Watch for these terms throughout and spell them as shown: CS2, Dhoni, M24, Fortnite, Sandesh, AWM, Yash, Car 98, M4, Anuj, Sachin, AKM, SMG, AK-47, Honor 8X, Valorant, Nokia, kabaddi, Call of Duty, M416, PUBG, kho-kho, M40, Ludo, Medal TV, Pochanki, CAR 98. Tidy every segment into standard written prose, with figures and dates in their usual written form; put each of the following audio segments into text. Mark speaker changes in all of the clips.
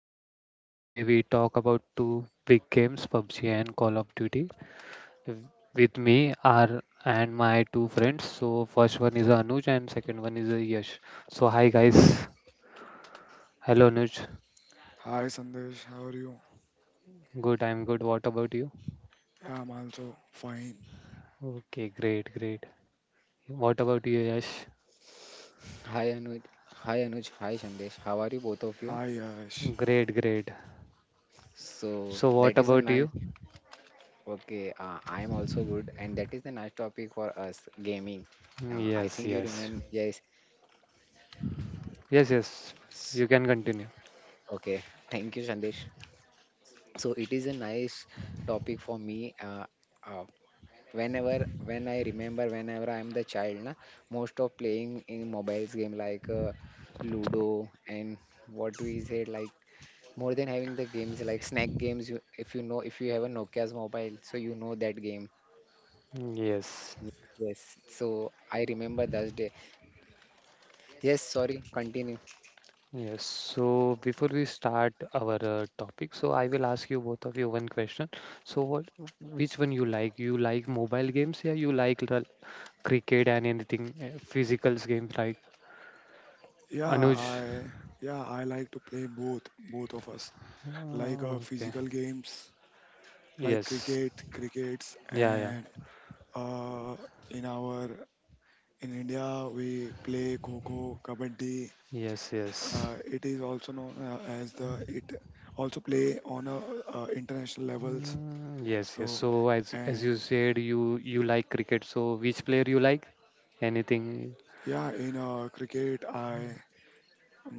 Speaker 1: your host. Today we talk about two big games, PUBG and Call of Duty. W- With me are and my two friends. So, first one is Anuj and second one is Yash. So, hi guys. Hello Anuj.
Speaker 2: Hi Sandesh, how are you?
Speaker 1: Good, I'm good. What about you?
Speaker 2: Yeah, I'm also fine.
Speaker 1: Okay, great, great. What about you, Yash?
Speaker 3: Hi Anuj, hi Anuj, hi Sandesh. How are you both of you?
Speaker 2: Hi Yash.
Speaker 1: Great, great.
Speaker 3: So
Speaker 1: So,
Speaker 3: that
Speaker 1: what
Speaker 3: is a
Speaker 1: about
Speaker 3: nice.
Speaker 1: you?
Speaker 3: Okay, I am also good, and that is the nice topic for us gaming. I
Speaker 1: Yes,
Speaker 3: think you
Speaker 1: yes.
Speaker 3: remember. Yes.
Speaker 1: Yes, yes. You can continue.
Speaker 3: Okay. Thank you, Sandesh. So it is a nice topic for me. Uh, whenever when I remember, whenever I am the child, na, most of playing in mobiles game like Ludo and what we said like more than having the games like snack games you if you know if you have a nokia's mobile so you know that game.
Speaker 1: Yes.
Speaker 3: Yes, so I remember that day. Yes, sorry, continue.
Speaker 1: Yes, so before we start our topic, so I will ask you both of you one question. So which one you like? You like mobile games, yeah? You like the cricket and anything physicals games like
Speaker 2: Yeah,
Speaker 1: Anuj?
Speaker 2: I yeah, I like to play both, both of us. Like
Speaker 1: Okay.
Speaker 2: physical games like
Speaker 1: Yes.
Speaker 2: cricket, crickets
Speaker 1: Yeah, yeah.
Speaker 2: and uh in our in India we play kho-kho, kabaddi.
Speaker 1: Yes, yes.
Speaker 2: It is also known as the it also play on a, international levels.
Speaker 1: Mm, yes, yes.
Speaker 2: So
Speaker 1: So as you
Speaker 2: and
Speaker 1: said, you like cricket. So which player you like? Anything?
Speaker 2: yeah, in cricket I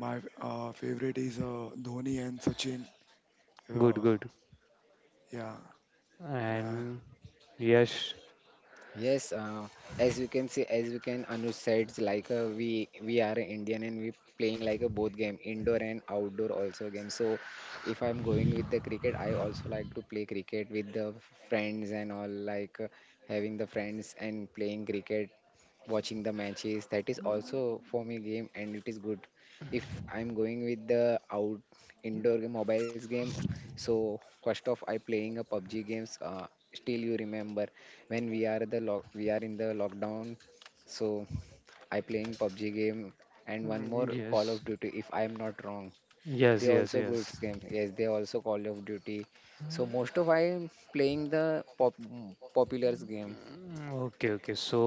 Speaker 2: My favorite is Dhoni and Sachin.
Speaker 1: Good,
Speaker 2: Uh,
Speaker 1: good.
Speaker 2: yeah, and
Speaker 1: And yes,
Speaker 3: Yes, as you can see, as you can Anuj said, like we are Indian and we playing like a both game, indoor and outdoor also game. So if I'm going with the cricket, I also like to play cricket with the friends and all, like having the friends and playing cricket, watching the matches. That is also for me game and it is good. If I'm going with the out indoor mobiles game, so first off I playing a PUBG games. Still you remember when we are the lock we are in the lockdown, so I playing PUBG game and one more
Speaker 1: mm,
Speaker 3: Call of
Speaker 1: yes.
Speaker 3: Duty if I am not wrong.
Speaker 1: Yes,
Speaker 3: They
Speaker 1: yes,
Speaker 3: also good
Speaker 1: yes.
Speaker 3: games, yes, they also Call of Duty. So most of I am playing the pop popular game.
Speaker 1: Mm, okay, okay. So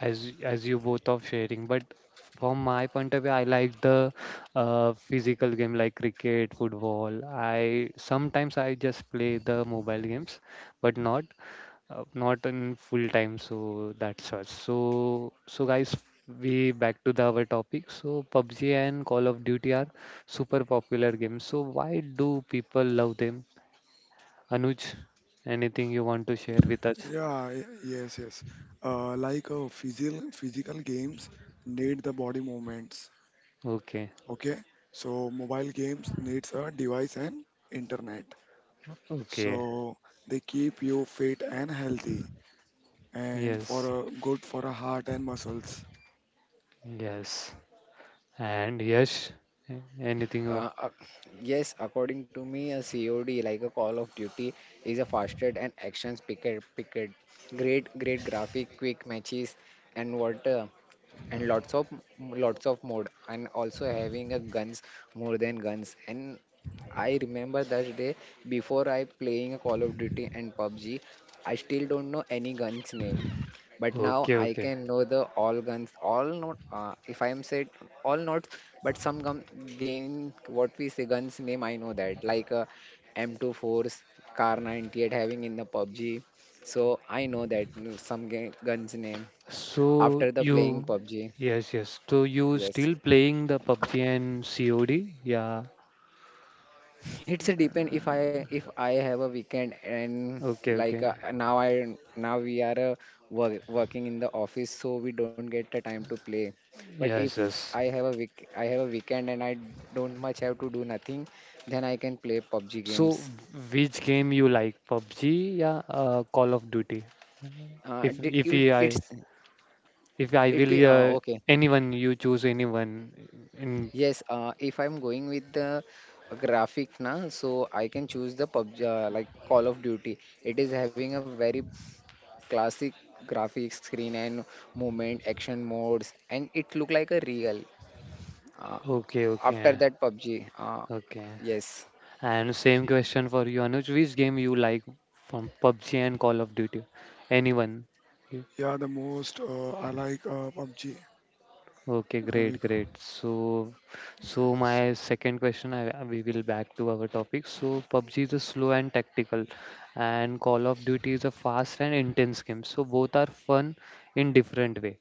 Speaker 1: as as you both are sharing, but from my point of view, I like the physical game like cricket, football. I sometimes I just play the mobile games, but not not in full time. So that's all. So so guys, we back to the our topic. So PUBG and Call of Duty are super popular games. So why do people love them? Anuj, anything you want to share with us?
Speaker 2: yeah, y- yes, yes. Like physical games need the body movements.
Speaker 1: Okay.
Speaker 2: Okay, so mobile games needs a device and internet.
Speaker 1: Okay.
Speaker 2: So they keep you fit and healthy, and
Speaker 1: Yes.
Speaker 2: for a good for a heart and muscles.
Speaker 1: Yes. And yes. Anything.
Speaker 3: uh, uh, yes, according to me a COD like a Call of Duty is a faster and actions picket picket, great great graphic, quick matches and what and lots of mode and also having a guns, more than guns. And I remember that day before I playing a Call of Duty and PUBG, I still don't know any guns name, but now
Speaker 1: Okay.
Speaker 3: I
Speaker 1: Okay.
Speaker 3: can know the all guns all not if I am said all not, but some gun game, what we say guns name I know that like m24s, car 98 having in the PUBG. So I know that, some guns name
Speaker 1: So
Speaker 3: after the playing
Speaker 1: you.
Speaker 3: PUBG.
Speaker 1: Yes. Yes. So you
Speaker 3: Yes,
Speaker 1: still playing the PUBG and COD? Yeah.
Speaker 3: it's a depend if I have a weekend and
Speaker 1: Okay.
Speaker 3: like
Speaker 1: Okay.
Speaker 3: now I now we are work, working in the office so we don't get the time to play. But
Speaker 1: Yes.
Speaker 3: if I
Speaker 1: Yes.
Speaker 3: have a week I have a weekend and I don't much have to do nothing, then I can play PUBG
Speaker 1: So
Speaker 3: games.
Speaker 1: which game you like? PUBG? Yeah. Call of Duty. If
Speaker 3: D-
Speaker 1: if
Speaker 3: it,
Speaker 1: I
Speaker 3: it's
Speaker 1: if I
Speaker 3: it
Speaker 1: will
Speaker 3: I- okay.
Speaker 1: Anyone you choose anyone in.
Speaker 3: Yes, if I'm going with the graphic na, so I can choose the PUBG like Call of Duty. It is having a very classic graphics, screen and movement, action modes, and it looked like a real. Uh,
Speaker 1: Okay.
Speaker 3: after
Speaker 1: Okay.
Speaker 3: that, PUBG.
Speaker 1: Okay.
Speaker 3: Yes.
Speaker 1: And same question for you, Anuj. Which game you like from PUBG and Call of Duty? Anyone? Y-
Speaker 2: Yeah, the most I like PUBG.
Speaker 1: Okay, great,
Speaker 2: Uh,
Speaker 1: great. So, so
Speaker 2: yes,
Speaker 1: my second question, we will back to our topic. So, PUBG is a slow and tactical, and Call of Duty is a fast and intense game. So, both are fun in different way.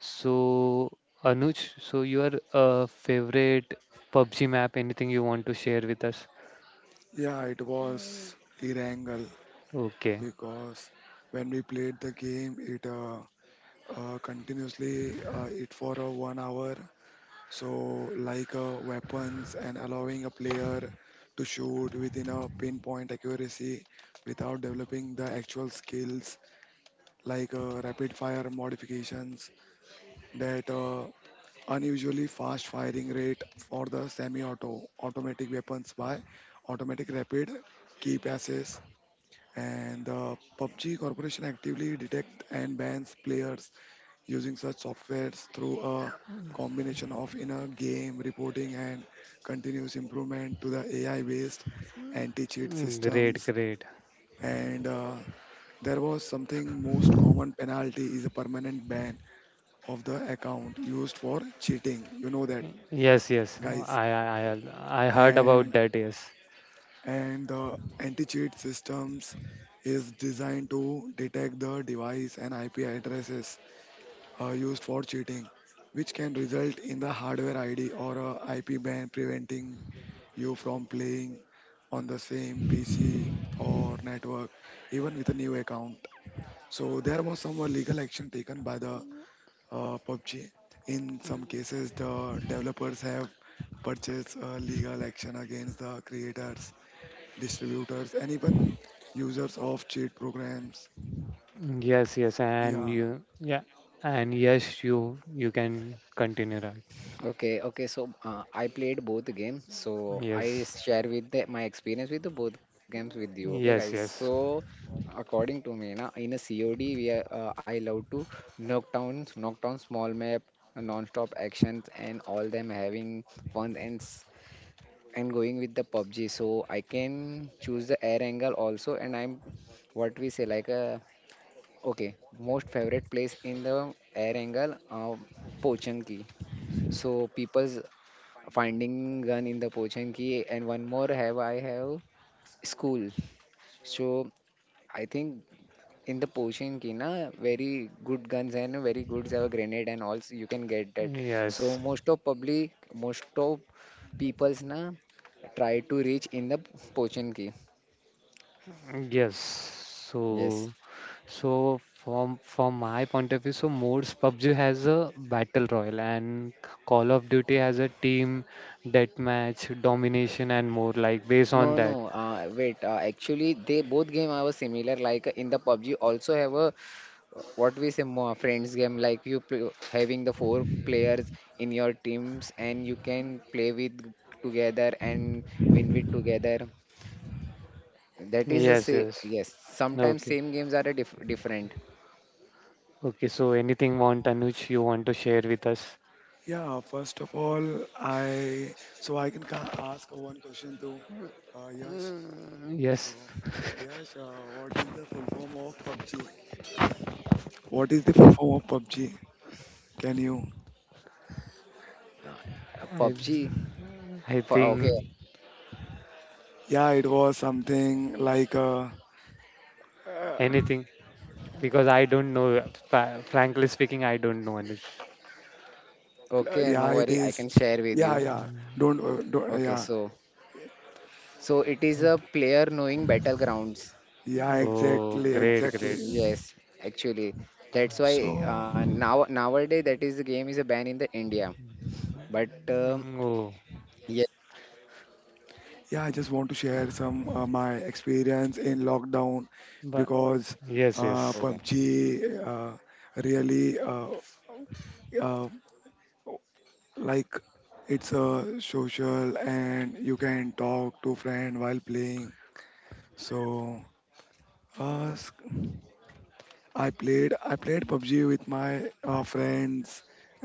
Speaker 1: So, Anuj, so your favorite PUBG map? Anything you want to share with us?
Speaker 2: yeah, it was Irangle,
Speaker 1: Okay,
Speaker 2: because when we played the game, it continuously it for a 1 hour. So like weapons and allowing a player to shoot within a pinpoint accuracy without developing the actual skills like rapid fire modifications that unusually fast firing rate for the semi-auto automatic weapons by automatic rapid key passes, and the PUBG Corporation actively detects and bans players using such softwares through a combination of inner game reporting and continuous improvement to the AI-based anti-cheat
Speaker 1: mm, great,
Speaker 2: systems.
Speaker 1: great.
Speaker 2: And there was something, most common penalty is a permanent ban of the account used for cheating. You know that,
Speaker 1: Yes, yes. Oh,
Speaker 2: guys.
Speaker 1: I heard about
Speaker 2: And
Speaker 1: that. Yes,
Speaker 2: and the anti-cheat systems is designed to detect the device and IP addresses used for cheating, which can result in the hardware ID or a IP ban preventing you from playing on the same PC or network, even with a new account. So there was some legal action taken by the PUBG. In some cases, the developers have purchased legal action against the creators, distributors, and even users of cheat programs.
Speaker 1: yes, yes. And
Speaker 2: Yeah.
Speaker 1: you, yeah, and yes, you can continue, right?
Speaker 3: Okay. Okay. So I played both games. So I
Speaker 1: Yes,
Speaker 3: share with the, my experience with the both games with you. Okay, guys.
Speaker 1: yes, yes,
Speaker 3: So according to me, na, in a COD, we are, I love to knock down small map, non-stop actions, and all them having fun. And I'm going with the PUBG, so I can choose the air angle also. And I'm what we say like okay, most favorite place in the air angle, Pochanki. So people's finding gun in the Pochanki, and one more have I have school. So I think in the potion Ki na very good guns and very good have a grenade and also you can get that. So
Speaker 1: yes,
Speaker 3: most of public most of people's na try to reach in the potion key.
Speaker 1: yes. So,
Speaker 3: Yes.
Speaker 1: so from my point of view, so modes PUBG has a battle royale and Call of Duty has a team deathmatch, domination, and more like
Speaker 3: No,
Speaker 1: based on
Speaker 3: no,
Speaker 1: that.
Speaker 3: wait, actually they both game are similar like in the PUBG also have a what we say more friends game like you play, having the four players in your teams and you can play with together and win with together. That is the
Speaker 1: Yes,
Speaker 3: same.
Speaker 1: yes.
Speaker 3: Yes, sometimes
Speaker 1: Okay.
Speaker 3: same games are a dif- different.
Speaker 1: Okay, so anything want Anuj you want to share with us?
Speaker 2: Yeah, first of all, I can ask one question to Yash. So,
Speaker 1: Yes,
Speaker 2: Yash, what is the full form of PUBG? What is the full form of PUBG? Can you?
Speaker 3: Uh,
Speaker 1: I
Speaker 3: PUBG.
Speaker 1: I
Speaker 3: For, okay,
Speaker 1: think
Speaker 2: Yeah, it was something like uh,
Speaker 1: anything because I don't know. Frankly speaking, I don't know Anuj.
Speaker 3: okay,
Speaker 2: yeah,
Speaker 3: no
Speaker 2: it
Speaker 3: worry. I
Speaker 2: is.
Speaker 3: can share with
Speaker 2: Yeah,
Speaker 3: you.
Speaker 2: yeah. Don't
Speaker 3: Okay,
Speaker 2: yeah,
Speaker 3: so so it is a player knowing battlegrounds.
Speaker 2: yeah,
Speaker 1: Oh,
Speaker 2: exactly,
Speaker 1: great,
Speaker 2: exactly.
Speaker 1: great.
Speaker 3: Yes, actually, that's why
Speaker 2: So.
Speaker 3: now nowadays that is the game is a ban in the India. But
Speaker 1: Mm, oh,
Speaker 3: yes,
Speaker 2: Yeah, I just want to share some my experience in lockdown
Speaker 1: but
Speaker 2: because
Speaker 1: yes,
Speaker 3: okay.
Speaker 1: yes,
Speaker 2: PUBG really uh, like it's a social and you can talk to friend while playing. So uh, s- I played PUBG with my friends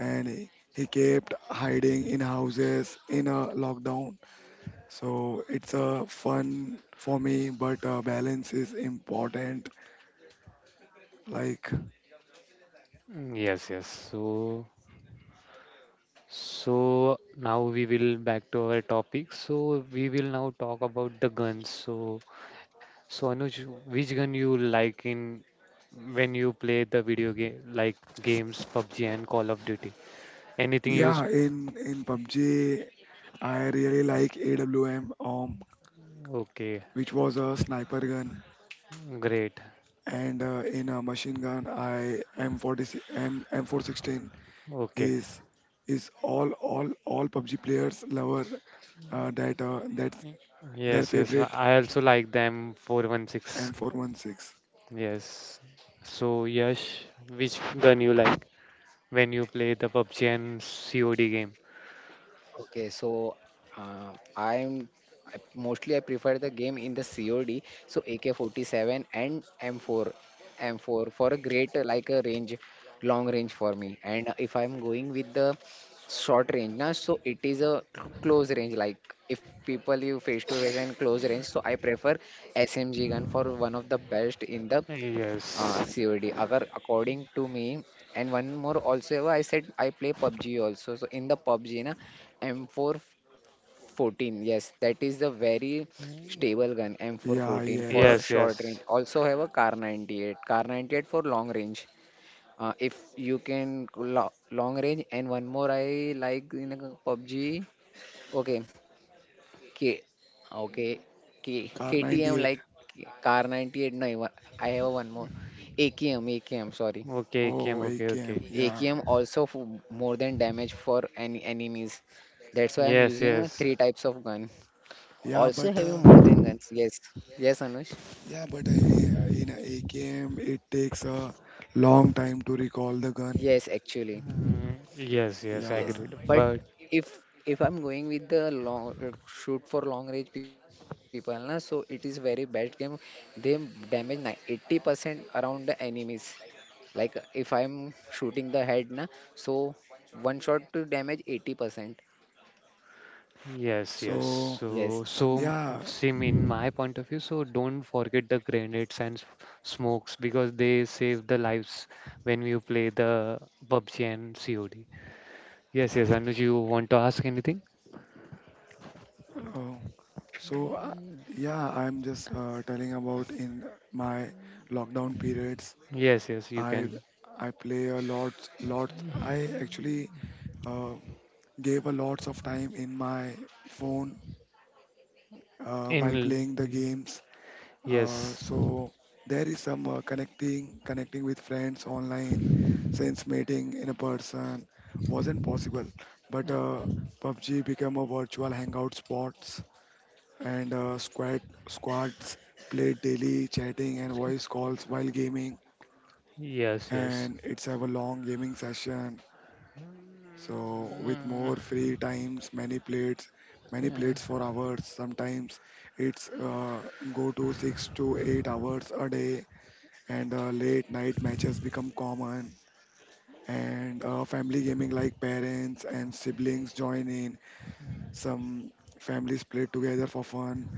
Speaker 2: and he kept hiding in houses in a lockdown. So it's a fun for me, but balance is important. Like
Speaker 1: mm, yes, yes. So so now we will back to our topic. So we will now talk about the guns. So so Anuj, which gun you like in when you play the video game like games PUBG and Call of Duty? Anything you s-
Speaker 2: yeah, in PUBG, I really like AWM,
Speaker 1: okay,
Speaker 2: which was a sniper gun,
Speaker 1: great.
Speaker 2: and in a machine gun, I M40 M M416
Speaker 1: Okay.
Speaker 2: is is all PUBG players lover, that's
Speaker 1: Y-
Speaker 2: their
Speaker 1: Yes, yes.
Speaker 2: favorite
Speaker 1: I also like the M416.
Speaker 2: M416.
Speaker 1: Yes. So Yash, which gun you like when you play the PUBG and COD game?
Speaker 3: Okay, so uh, I'm mostly I prefer the game in the COD, so AK-47 and M4, M4 for a great like a range, long range for me. And if I'm going with the short range, na, so it is a close range. Like if people you face to face and close range, so I prefer SMG gun for one of the best in the
Speaker 1: Yes.
Speaker 3: COD. Agar according to me, and one more also, I said I play PUBG also. So in the PUBG, na M414, yes, that is the very
Speaker 1: Mm,
Speaker 3: stable gun
Speaker 2: Yeah,
Speaker 3: M414 for
Speaker 2: yes,
Speaker 1: yes,
Speaker 3: short range.
Speaker 1: yes.
Speaker 3: Also have a Car 98, Car 98 for long range. If you can long range and one more I like in a PUBG. Okay, K, okay, K,
Speaker 2: car
Speaker 3: KTM
Speaker 2: 98.
Speaker 3: like Car 98. No, I have one more. AKM, AKM, sorry.
Speaker 1: Okay, Kim,
Speaker 2: Oh,
Speaker 1: okay, okay.
Speaker 2: AKM. Yeah,
Speaker 3: AKM also more than damage for any enemies. That's why I'm
Speaker 1: Yes,
Speaker 3: using
Speaker 1: yes.
Speaker 3: three types of gun.
Speaker 2: yeah, but.
Speaker 3: Also having more than guns. Yes. Yes, Anush.
Speaker 2: Yeah, but eh, in a AKM, it takes a long time to recall the gun.
Speaker 3: Yes, actually.
Speaker 1: Mm, yes, yes, I
Speaker 2: Yeah.
Speaker 3: Yes.
Speaker 1: agree.
Speaker 3: But
Speaker 1: But
Speaker 3: if I'm going with the long shoot for long range people, na, so it is very bad game. They damage ni- 80% around the enemies. Like if I'm shooting the head, na, so one shot to damage 80%.
Speaker 1: yes, yes.
Speaker 2: So,
Speaker 3: Yes.
Speaker 1: So, so
Speaker 2: yeah.
Speaker 1: same in my point of view. So don't forget the grenades and smokes because they save the lives when you play the PUBG and COD. Yes, yes. Anuj, you want to ask anything?
Speaker 2: Uh, so, uh, yeah, I'm just telling about in my lockdown periods.
Speaker 1: Yes, yes. You
Speaker 2: I
Speaker 1: can.
Speaker 2: I play a lot, lot. I actually uh, gave a lots of time in my phone while
Speaker 1: In
Speaker 2: playing the games.
Speaker 1: yes,
Speaker 2: So there is some connecting with friends online, since meeting in a person wasn't possible. But PUBG became a virtual hangout spots, and squads played daily, chatting and voice calls while gaming.
Speaker 1: yes, yes.
Speaker 2: And it's have a long gaming session. So with more
Speaker 1: Mm,
Speaker 2: free times, many plates
Speaker 1: yeah.
Speaker 2: for hours. Sometimes it's go to 6 to 8 hours a day, and late night matches become common, and family gaming like parents and siblings join in. Some families play together for fun,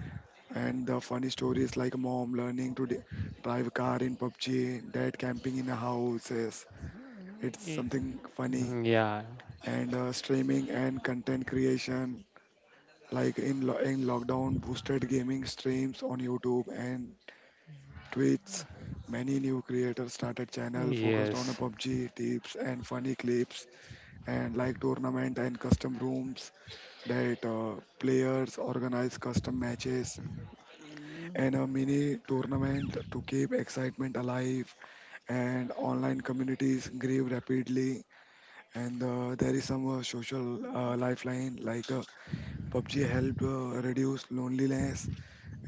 Speaker 2: and the funny stories like mom learning to drive car in PUBG, dad camping in a houses, it's
Speaker 1: Y-
Speaker 2: something funny.
Speaker 1: Yeah.
Speaker 2: And streaming and content creation, like in lockdown boosted gaming streams on YouTube and tweets, many new creators started channel focused on a
Speaker 1: Yes.
Speaker 2: PUBG tips and funny clips, and like tournament and custom rooms, that players organize custom matches and a mini tournament to keep excitement alive, and online communities grew rapidly. And there is some social lifeline, like PUBG helped reduce loneliness,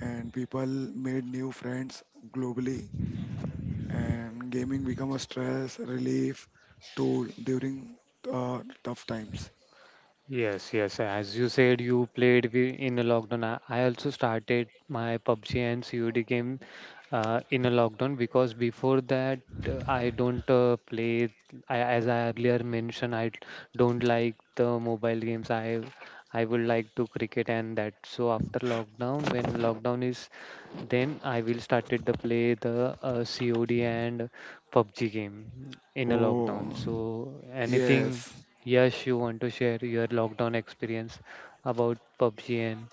Speaker 2: and people made new friends globally, and gaming become a stress relief tool during tough times.
Speaker 1: Yes, yes. As you said, you played in a lockdown. I also started my PUBG and COD game in a lockdown because before that I don't play. I, as I earlier mentioned, I don't like the mobile games. I would like to cricket and that. So after lockdown, when lockdown is, then I will started to play the COD and PUBG game in a
Speaker 2: Oh,
Speaker 1: lockdown. So anything.
Speaker 2: yes.
Speaker 1: Yes, you want to share your lockdown experience about PUBG and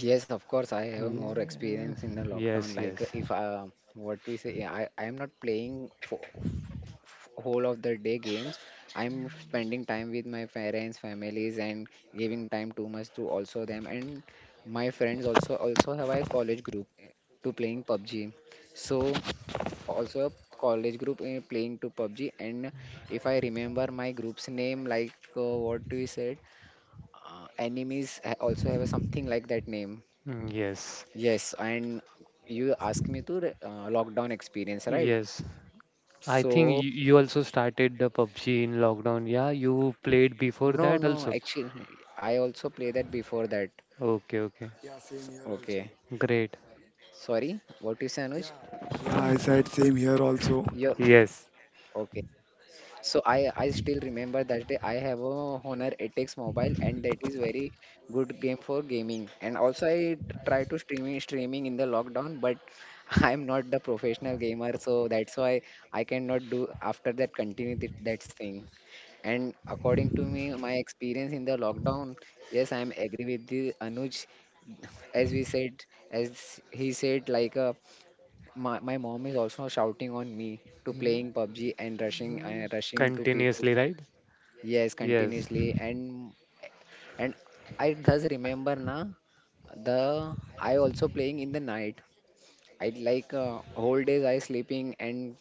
Speaker 3: Yes, of course, I have more
Speaker 1: yeah.
Speaker 3: experience in the lockdown.
Speaker 1: Yes,
Speaker 3: Like,
Speaker 1: yes,
Speaker 3: if what we say, yeah, I am not playing for whole of the day games. I'm spending time with my parents, families, and giving time too much to also them and my friends. Also, also have a college group eh, to playing PUBG. So also a college group eh, playing to PUBG. And if I remember my group's name, like what we said, enemies also have a something like that name.
Speaker 1: mm, yes,
Speaker 3: Yes, and you ask me to lockdown experience, right?
Speaker 1: yes. I think
Speaker 3: So,
Speaker 1: you also started the PUBG in lockdown. Yeah, you played before
Speaker 3: no,
Speaker 1: that
Speaker 3: no,
Speaker 1: also.
Speaker 3: actually, I also play that before that.
Speaker 1: Okay, okay,
Speaker 2: Yeah, same here also.
Speaker 3: Okay,
Speaker 1: great.
Speaker 3: sorry, what you say, Anuj?
Speaker 2: Yeah, yeah, I said same here
Speaker 3: You're
Speaker 2: also.
Speaker 1: Yes,
Speaker 3: okay. So I still remember that day. I have a Honor 8X mobile, and that is very good game for gaming. And also, I try to streaming in the lockdown, but I'm not the professional gamer, so that's why I cannot do after that continue that thing. And according to me, my experience in the lockdown, yes, I'm agree with the Anuj. As we said, as he said, like my mom is also shouting on me to
Speaker 1: mm,
Speaker 3: playing PUBG and rushing
Speaker 1: mm,
Speaker 3: rushing to people.
Speaker 1: continuously, right?
Speaker 3: Yes,
Speaker 1: Yes.
Speaker 3: continuously. And I does remember na the I also playing in the night. I like whole days I sleeping and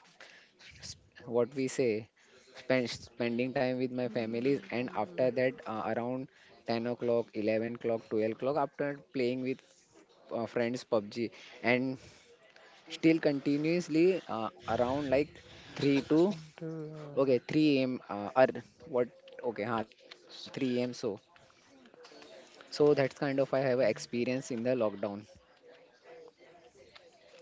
Speaker 3: what we say spending time with my families and after that around 10 o'clock, 11 o'clock, 12 o'clock after playing with friends PUBG and still continuously around like 3 to okay 3 a.m. Or what okay 3 a.m. So so that's kind of I have a experience in the lockdown.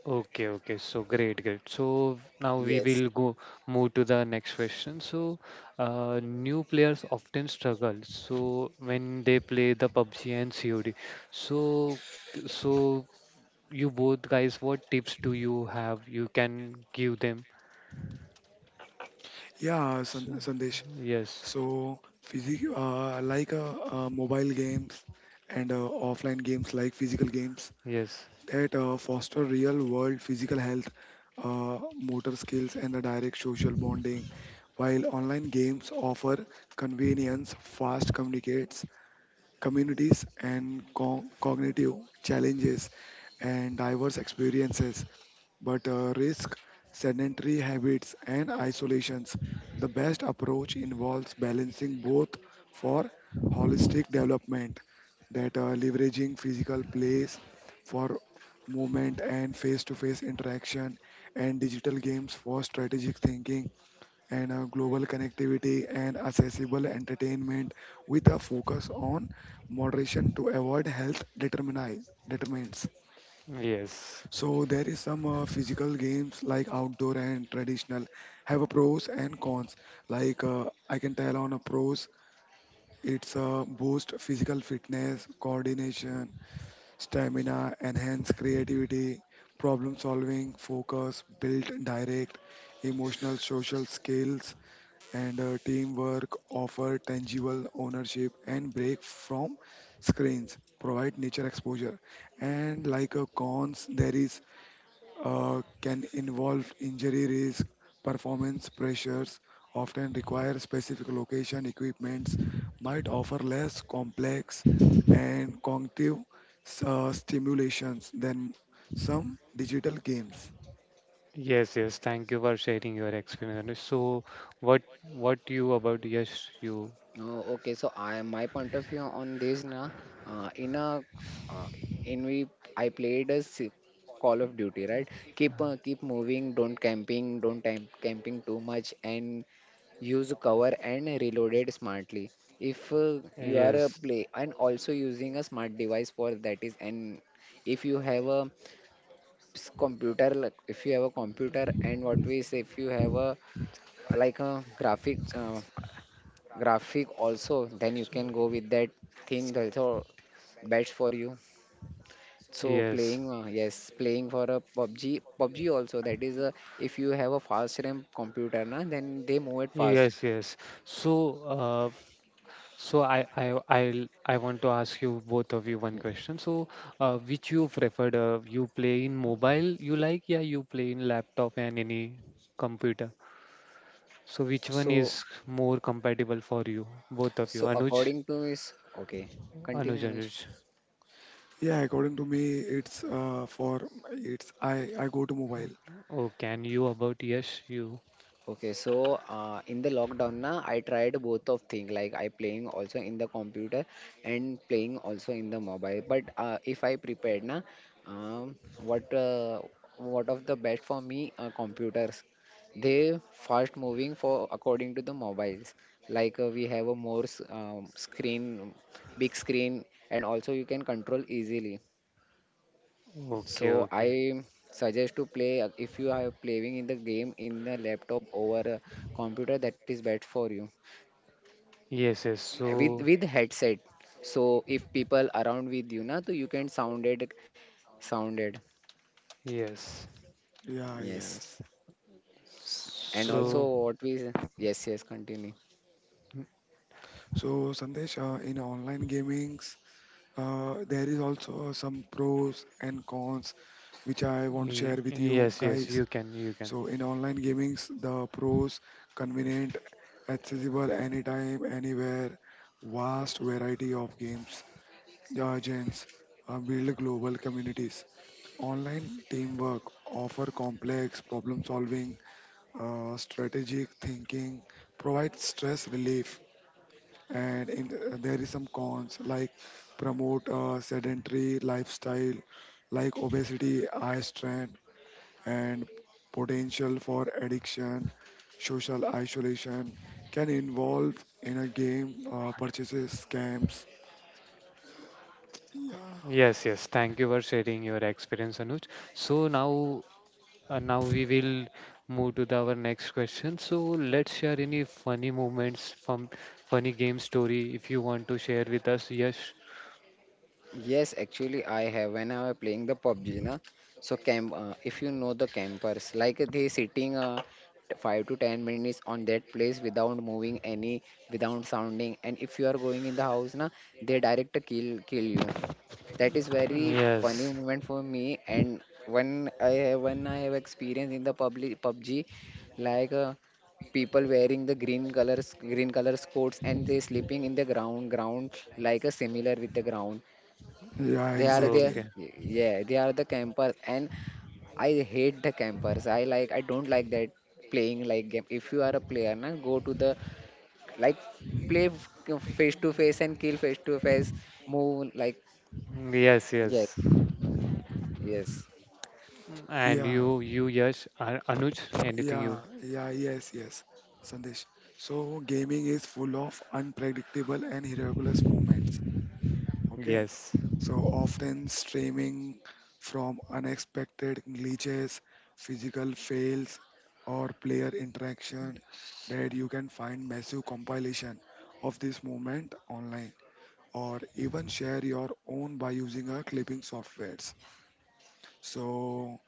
Speaker 1: Okay, okay. So great, great. So now we
Speaker 3: Yes.
Speaker 1: will go move to the next question. So new players often struggle. So when they play the PUBG and COD. So so you both guys, what tips do you have? You can give them.
Speaker 2: Yeah,
Speaker 1: So,
Speaker 2: San- Sandesh.
Speaker 1: yes,
Speaker 2: So, physic like mobile games and offline games like physical games
Speaker 1: yes,
Speaker 2: that foster real world physical health, uh, motor skills, and the direct social bonding, while online games offer convenience, fast communities, and cognitive challenges and diverse experiences, but risk sedentary habits and isolations. The best approach involves balancing both for holistic development, that leveraging physical place for movement and face-to-face interaction, and digital games for strategic thinking and global connectivity and accessible entertainment with a focus on moderation to avoid health determinants.
Speaker 1: yes,
Speaker 2: So there is some physical games like outdoor and traditional, have a pros and cons. Like I can tell on a pros, it's boost physical fitness, coordination, stamina, enhance creativity, problem solving, focus, build direct, emotional, social skills, and teamwork. Offer tangible ownership and break from screens. Provide nature exposure. And like a cons, there is can involve injury risk, performance pressures, often require specific location equipments, might offer less complex and cognitive stimulations than some digital games.
Speaker 1: yes, yes. Thank you for sharing your experience. Anush. So what what you about? Yes, you.
Speaker 3: Oh, okay. So I my point of view on this na, in a uh, in we I played a Call of Duty, right? Keep moving, don't camping, don't time camping too much, and use cover and reload it smartly. If you are a
Speaker 1: Yes.
Speaker 3: play and also using a smart device for that is. And if you have a computer, like if you have a computer and what we say if you have a like a graphic graphic
Speaker 1: So,
Speaker 3: also, then you can go with that thing. That's also best for you. So
Speaker 1: yes,
Speaker 3: playing yes playing for a PUBG also. That is a if you have a fast RAM computer na, then they move it fast.
Speaker 1: yes, yes. So, uh, so I want to ask you both of you one question. So, which you preferred? You play in mobile, you like? Yeah, you play in laptop and any computer. So, which one
Speaker 3: So
Speaker 1: is more compatible for you, both of you?
Speaker 3: so
Speaker 1: Anuj,
Speaker 3: according to is okay continue
Speaker 1: Anuj,
Speaker 3: Anuj.
Speaker 1: Anuj.
Speaker 2: Yeah, according to me, it's for it's I go to mobile.
Speaker 1: Oh, can you about yes, you.
Speaker 3: Okay, so in the lockdown na, I tried both of thing, like I playing also in the computer and playing also in the mobile. But if I prepared na, um, what uh, what of the best for me computers? They fast moving for according to the mobiles. Like we have a screen, big screen, and also you can control easily.
Speaker 1: Okay,
Speaker 3: So
Speaker 1: okay.
Speaker 3: I suggest to play if you are playing in the game in the laptop over a computer that is bad for you
Speaker 1: Yes, yes. So,
Speaker 3: with headset. So if people around with you na, so you can sounded
Speaker 1: yes.
Speaker 2: Yeah,
Speaker 3: yes.
Speaker 2: yes.
Speaker 3: And also
Speaker 2: So
Speaker 1: So,
Speaker 3: what we yes yes continue.
Speaker 2: so Sandesh, in online gaming, there is also some pros and cons which I want to share with you
Speaker 1: yes, yes.
Speaker 2: guys.
Speaker 1: You can, you can.
Speaker 2: So in online gamings, the pros, convenient, accessible anytime, anywhere, vast variety of games, agents, build global communities. Online teamwork offer complex problem solving, strategic thinking, provide stress relief, and there is some cons like promote a sedentary lifestyle like obesity, eye strain, and potential for addiction, social isolation, can involve in a game purchases scams. yeah
Speaker 1: Yes, yes. Thank you for sharing your experience, Anuj. So now, now we will move to the, our next question. So let's share any funny moments from funny game story if you want to share with us. Yes.
Speaker 3: Yes, actually, I have when I was playing the PUBG, na. So camp, if you know the campers, like they sitting 5 to 10 minutes on that place without moving any, without sounding, and if you are going in the house, na, they direct kill you. That is very funny
Speaker 1: Yes.
Speaker 3: moment for me. And when I when I have experience in the public PUBG, like. People wearing the green colors coats and they sleeping in the ground like a similar with the ground.
Speaker 2: yeah
Speaker 3: They are the,
Speaker 1: Okay.
Speaker 2: exactly
Speaker 3: yeah, they are the campers. And I hate the campers. I like I don't like that playing like game. If you are a player na go to the like play face to face and kill face to face, move like.
Speaker 1: Yes,
Speaker 3: Yes
Speaker 1: yes.
Speaker 3: yes.
Speaker 1: And
Speaker 2: yeah
Speaker 1: yes. Anuj, anything
Speaker 2: yeah
Speaker 1: you?
Speaker 2: yeah yes, yes, Sandesh. So gaming is full of unpredictable and miraculous moments. Okay.
Speaker 1: Yes.
Speaker 2: So often streaming from unexpected glitches, physical fails, or player interaction, that you can find massive compilation of this movement online, or even share your own by using a clipping softwares. So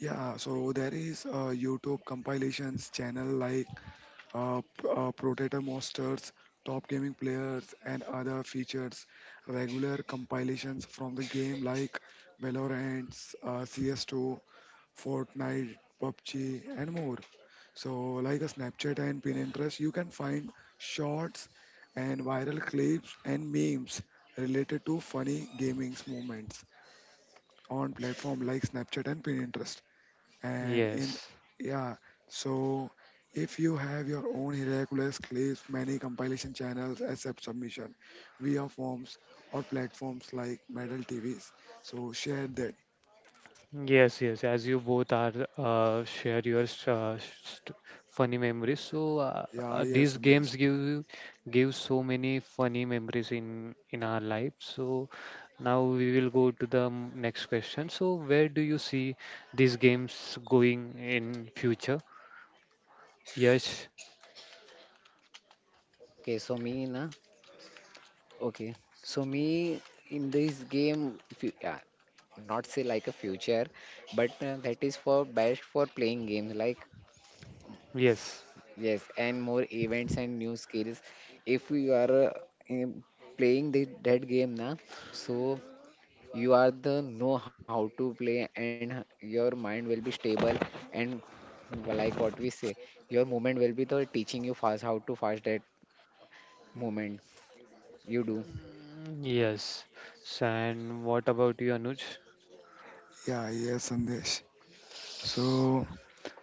Speaker 2: yeah, so there is a YouTube compilations channel like Proteta monsters, top gaming players, and other features. Regular compilations from the game like Valorant, CS2, Fortnite, PUBG, and more. So, like a Snapchat and Pinterest, you can find shorts and viral clips and memes related to funny gaming moments on platform like Snapchat and Pinterest. And in
Speaker 1: Yes.
Speaker 2: yeah, so if you have your own Hercules clips, many compilation channels accept submission via forms or platforms like Medal TVs. So share that.
Speaker 1: Yes, yes, as you both are share your s- st funny memories. So
Speaker 2: Yeah, yes,
Speaker 1: these
Speaker 2: Sandesh.
Speaker 1: games give you- give so many funny memories in our life. So now we will go to the next question. So where do you see these games going in future? Yes,
Speaker 3: Okay so me na, okay so me in this game not say like a future, but that is for best for playing games like
Speaker 1: yes,
Speaker 3: yes, and more events and new skills. If you are in- playing the, that game now, so you are the know how to play and your mind will be stable and like what we say, your movement will be the teaching you fast how to fast that movement you do.
Speaker 1: mm, yes. So, and what about you, Anuj?
Speaker 2: Yeah, yes, Sandesh. So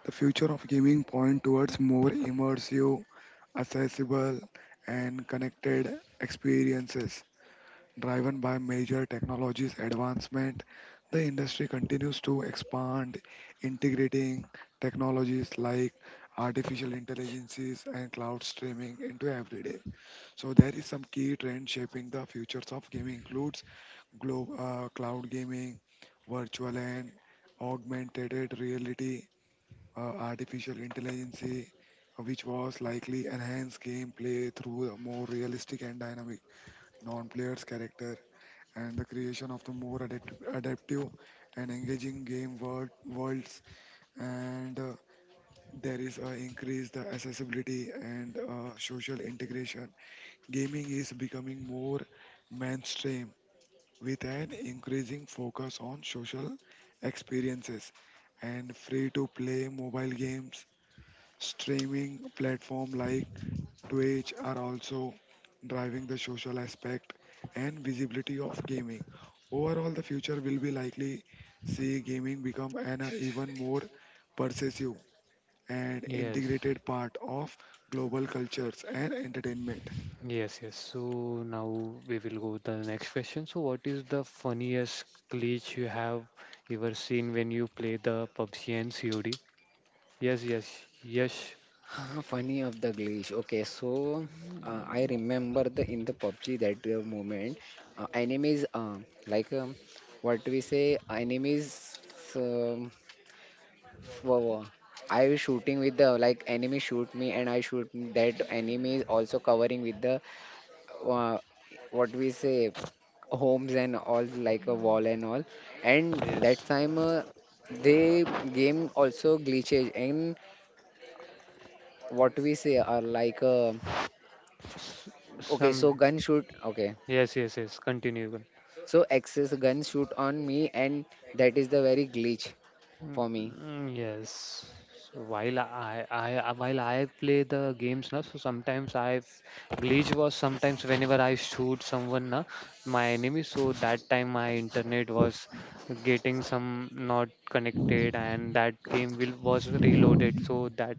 Speaker 2: the future of gaming point towards more immersive, accessible, and connected experiences, driven by major technologies advancement. The industry continues to expand, integrating technologies like artificial intelligences and cloud streaming into everyday. So there is some key trend shaping the futures of gaming includes cloud gaming, virtual and augmented reality, uh, artificial intelligence, which was likely enhance gameplay through a more realistic and dynamic non-players character, and the creation of the more adaptive and engaging worlds. And there is a increase the accessibility and social integration. Gaming is becoming more mainstream with an increasing focus on social experiences, and free to play mobile games, streaming platform like, which are also driving the social aspect and visibility of gaming. Overall, the future will be likely see gaming become an even more pervasive and
Speaker 1: Yes.
Speaker 2: integrated part of global cultures and entertainment.
Speaker 1: Yes, yes. So now we will go to the next question. So what is the funniest glitch you have ever seen when you play the PUBG and COD? Yes, yes, yes,
Speaker 3: Funny of the glitch. Okay, so I remember the in the PUBG that moment, enemies like um, what we say enemies. Um For I was shooting with the like enemy shoot me and I shoot me. That enemy is also covering with the uh, what we say homes and all like a wall and all. And that
Speaker 1: yes.
Speaker 3: time the game also glitches and what we say are like okay
Speaker 1: Some
Speaker 3: so gun shoot okay
Speaker 1: yes, yes, yes. Continue.
Speaker 3: so access gun shoot on me. And that is the very glitch
Speaker 1: Mm,
Speaker 3: for me.
Speaker 1: mm, yes. So while I while I play the games now, so sometimes I glitch was sometimes whenever I shoot someone na, my enemy. So that time my internet was getting some not connected, and that game will was reloaded. So that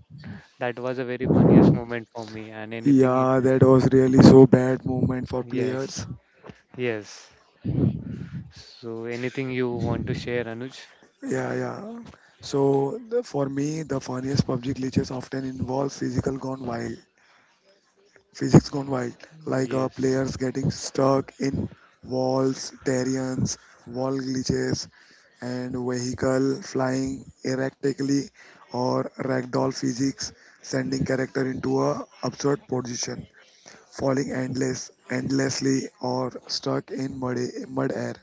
Speaker 1: that was a very funniest moment for me. And anything, you-
Speaker 2: Yeah, that was really so bad moment for
Speaker 1: yes,
Speaker 2: players.
Speaker 1: yes. So anything you want to share, Anuj?
Speaker 2: Yeah, yeah. So the, for me, the funniest PUBG glitches often involve physical gone wild physics gone wild, like
Speaker 1: Yes.
Speaker 2: players getting stuck in walls, terrains, wall glitches, and vehicle flying erratically, or ragdoll physics sending character into a absurd position, falling endlessly, or stuck in mud, mud air.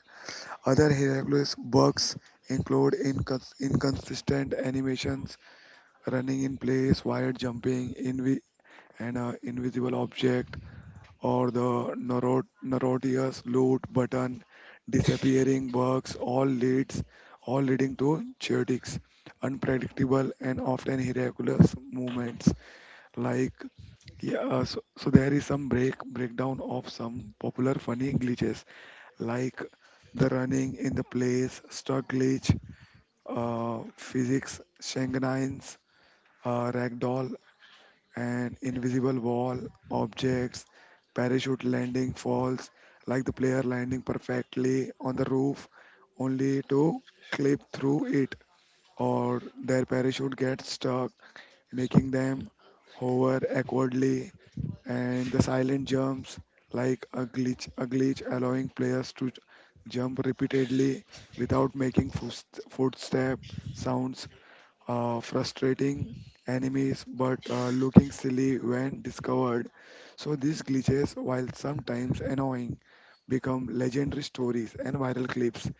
Speaker 2: Other hilarious bugs include inconsistent animations, running in place, wire jumping, invi- and invisible object, or the notorious loot button, disappearing bugs, all leading to chaotic, unpredictable, and often miraculous movements. Like so there is some breakdown of some popular funny glitches, like the running in the place, stuck glitch, physics, Shanghain's, ragdoll, and invisible wall, objects, parachute landing falls, like the player landing perfectly on the roof, only to clip through it, or their parachute gets stuck, making them hover awkwardly, and the silent jumps, like a glitch allowing players to jump repeatedly without making footstep sounds, frustrating enemies but looking silly when discovered. So these glitches, while sometimes annoying, become legendary stories and viral clips,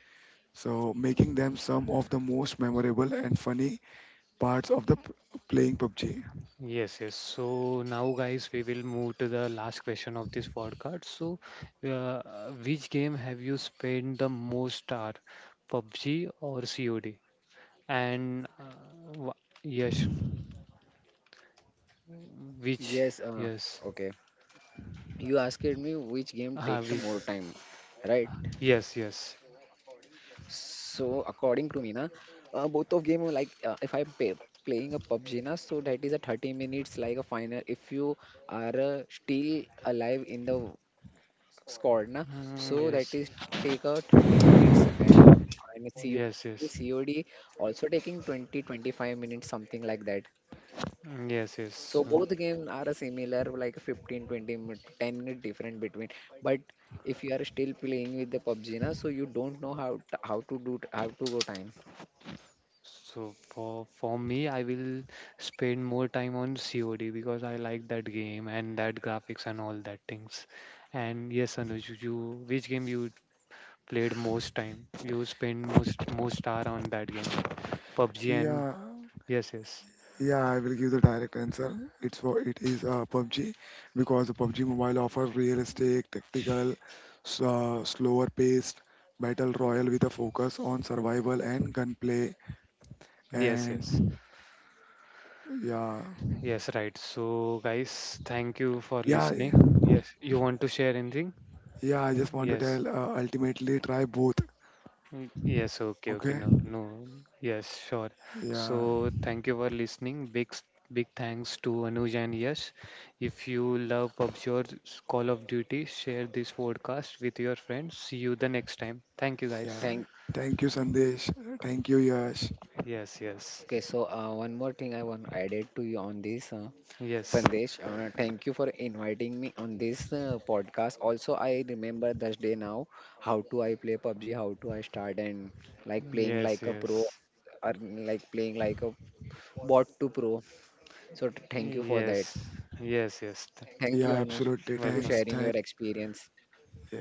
Speaker 2: so making them some of the most memorable and funny parts of the playing PUBG.
Speaker 1: Yes, yes. So now, guys, we will move to the last question of this podcast. So, uh, which game have you spent the most hour, PUBG or COD? And yes, which?
Speaker 3: Yes,
Speaker 1: Yes,
Speaker 3: okay, you asked me which game take the
Speaker 1: which?
Speaker 3: more time, right?
Speaker 1: Yes, yes,
Speaker 3: So according to me, na, both of game if I'm playing a PUBG, na, so that is a 30 minutes like a final. If you are still alive in the squad, na,
Speaker 1: mm,
Speaker 3: so that
Speaker 1: yes,
Speaker 3: is take a 30 minutes and
Speaker 1: yes,
Speaker 3: COD,
Speaker 1: yes,
Speaker 3: COD also taking 20 25 minutes something like that.
Speaker 1: mm, yes, yes.
Speaker 3: So both the games are a similar, like 15, 20, 10-minute different between. But if you are still playing with the PUBG na, so you don't know how how to do how to go time.
Speaker 1: So for me, I will spend more time on COD because I like that game and that graphics and all that things. And yes, Anuj, which game you played most time? You spend most hour on that game, PUBG and
Speaker 2: Yeah,
Speaker 1: yes, yes,
Speaker 2: Yeah, I will give the direct answer. It's for it is PUBG, because the PUBG Mobile offers realistic, tactical, slower paced battle royale with a focus on survival and gunplay.
Speaker 1: yes, yes,
Speaker 2: And yeah,
Speaker 1: yes, right. So guys, thank you for
Speaker 2: yeah,
Speaker 1: listening. Yes, you want to share anything?
Speaker 2: yeah. I just want to
Speaker 1: Yes.
Speaker 2: tell. Ultimately, try both.
Speaker 1: Mm, yes, okay, okay,
Speaker 2: Okay.
Speaker 1: no, no, yes, sure.
Speaker 2: Yeah,
Speaker 1: So, thank you for listening. Big thanks to Anuj and Yash. If you love PUBG or Call of Duty, share this podcast with your friends. See you the next time. Thank you, guys.
Speaker 2: yeah.
Speaker 3: Thank.
Speaker 2: Thank you, Sandesh. Thank you, Yash.
Speaker 1: Yes, yes,
Speaker 3: Okay, so one more thing I want added to you on this,
Speaker 1: yes,
Speaker 3: Sandesh. Thank you for inviting me on this podcast. Also, I remember this day now, how to I play PUBG, how to I start and like playing
Speaker 1: yes,
Speaker 3: like a pro,
Speaker 1: yes,
Speaker 3: or like playing like a bot to pro. So thank you for
Speaker 1: yes,
Speaker 3: that.
Speaker 1: yes, yes. Th-
Speaker 3: Thank
Speaker 2: Yeah,
Speaker 3: you, Anush,
Speaker 2: absolutely.
Speaker 3: for
Speaker 2: Thanks.
Speaker 1: welcome.
Speaker 3: sharing
Speaker 2: Thanks.
Speaker 3: your experience.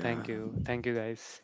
Speaker 1: Thank you, guys.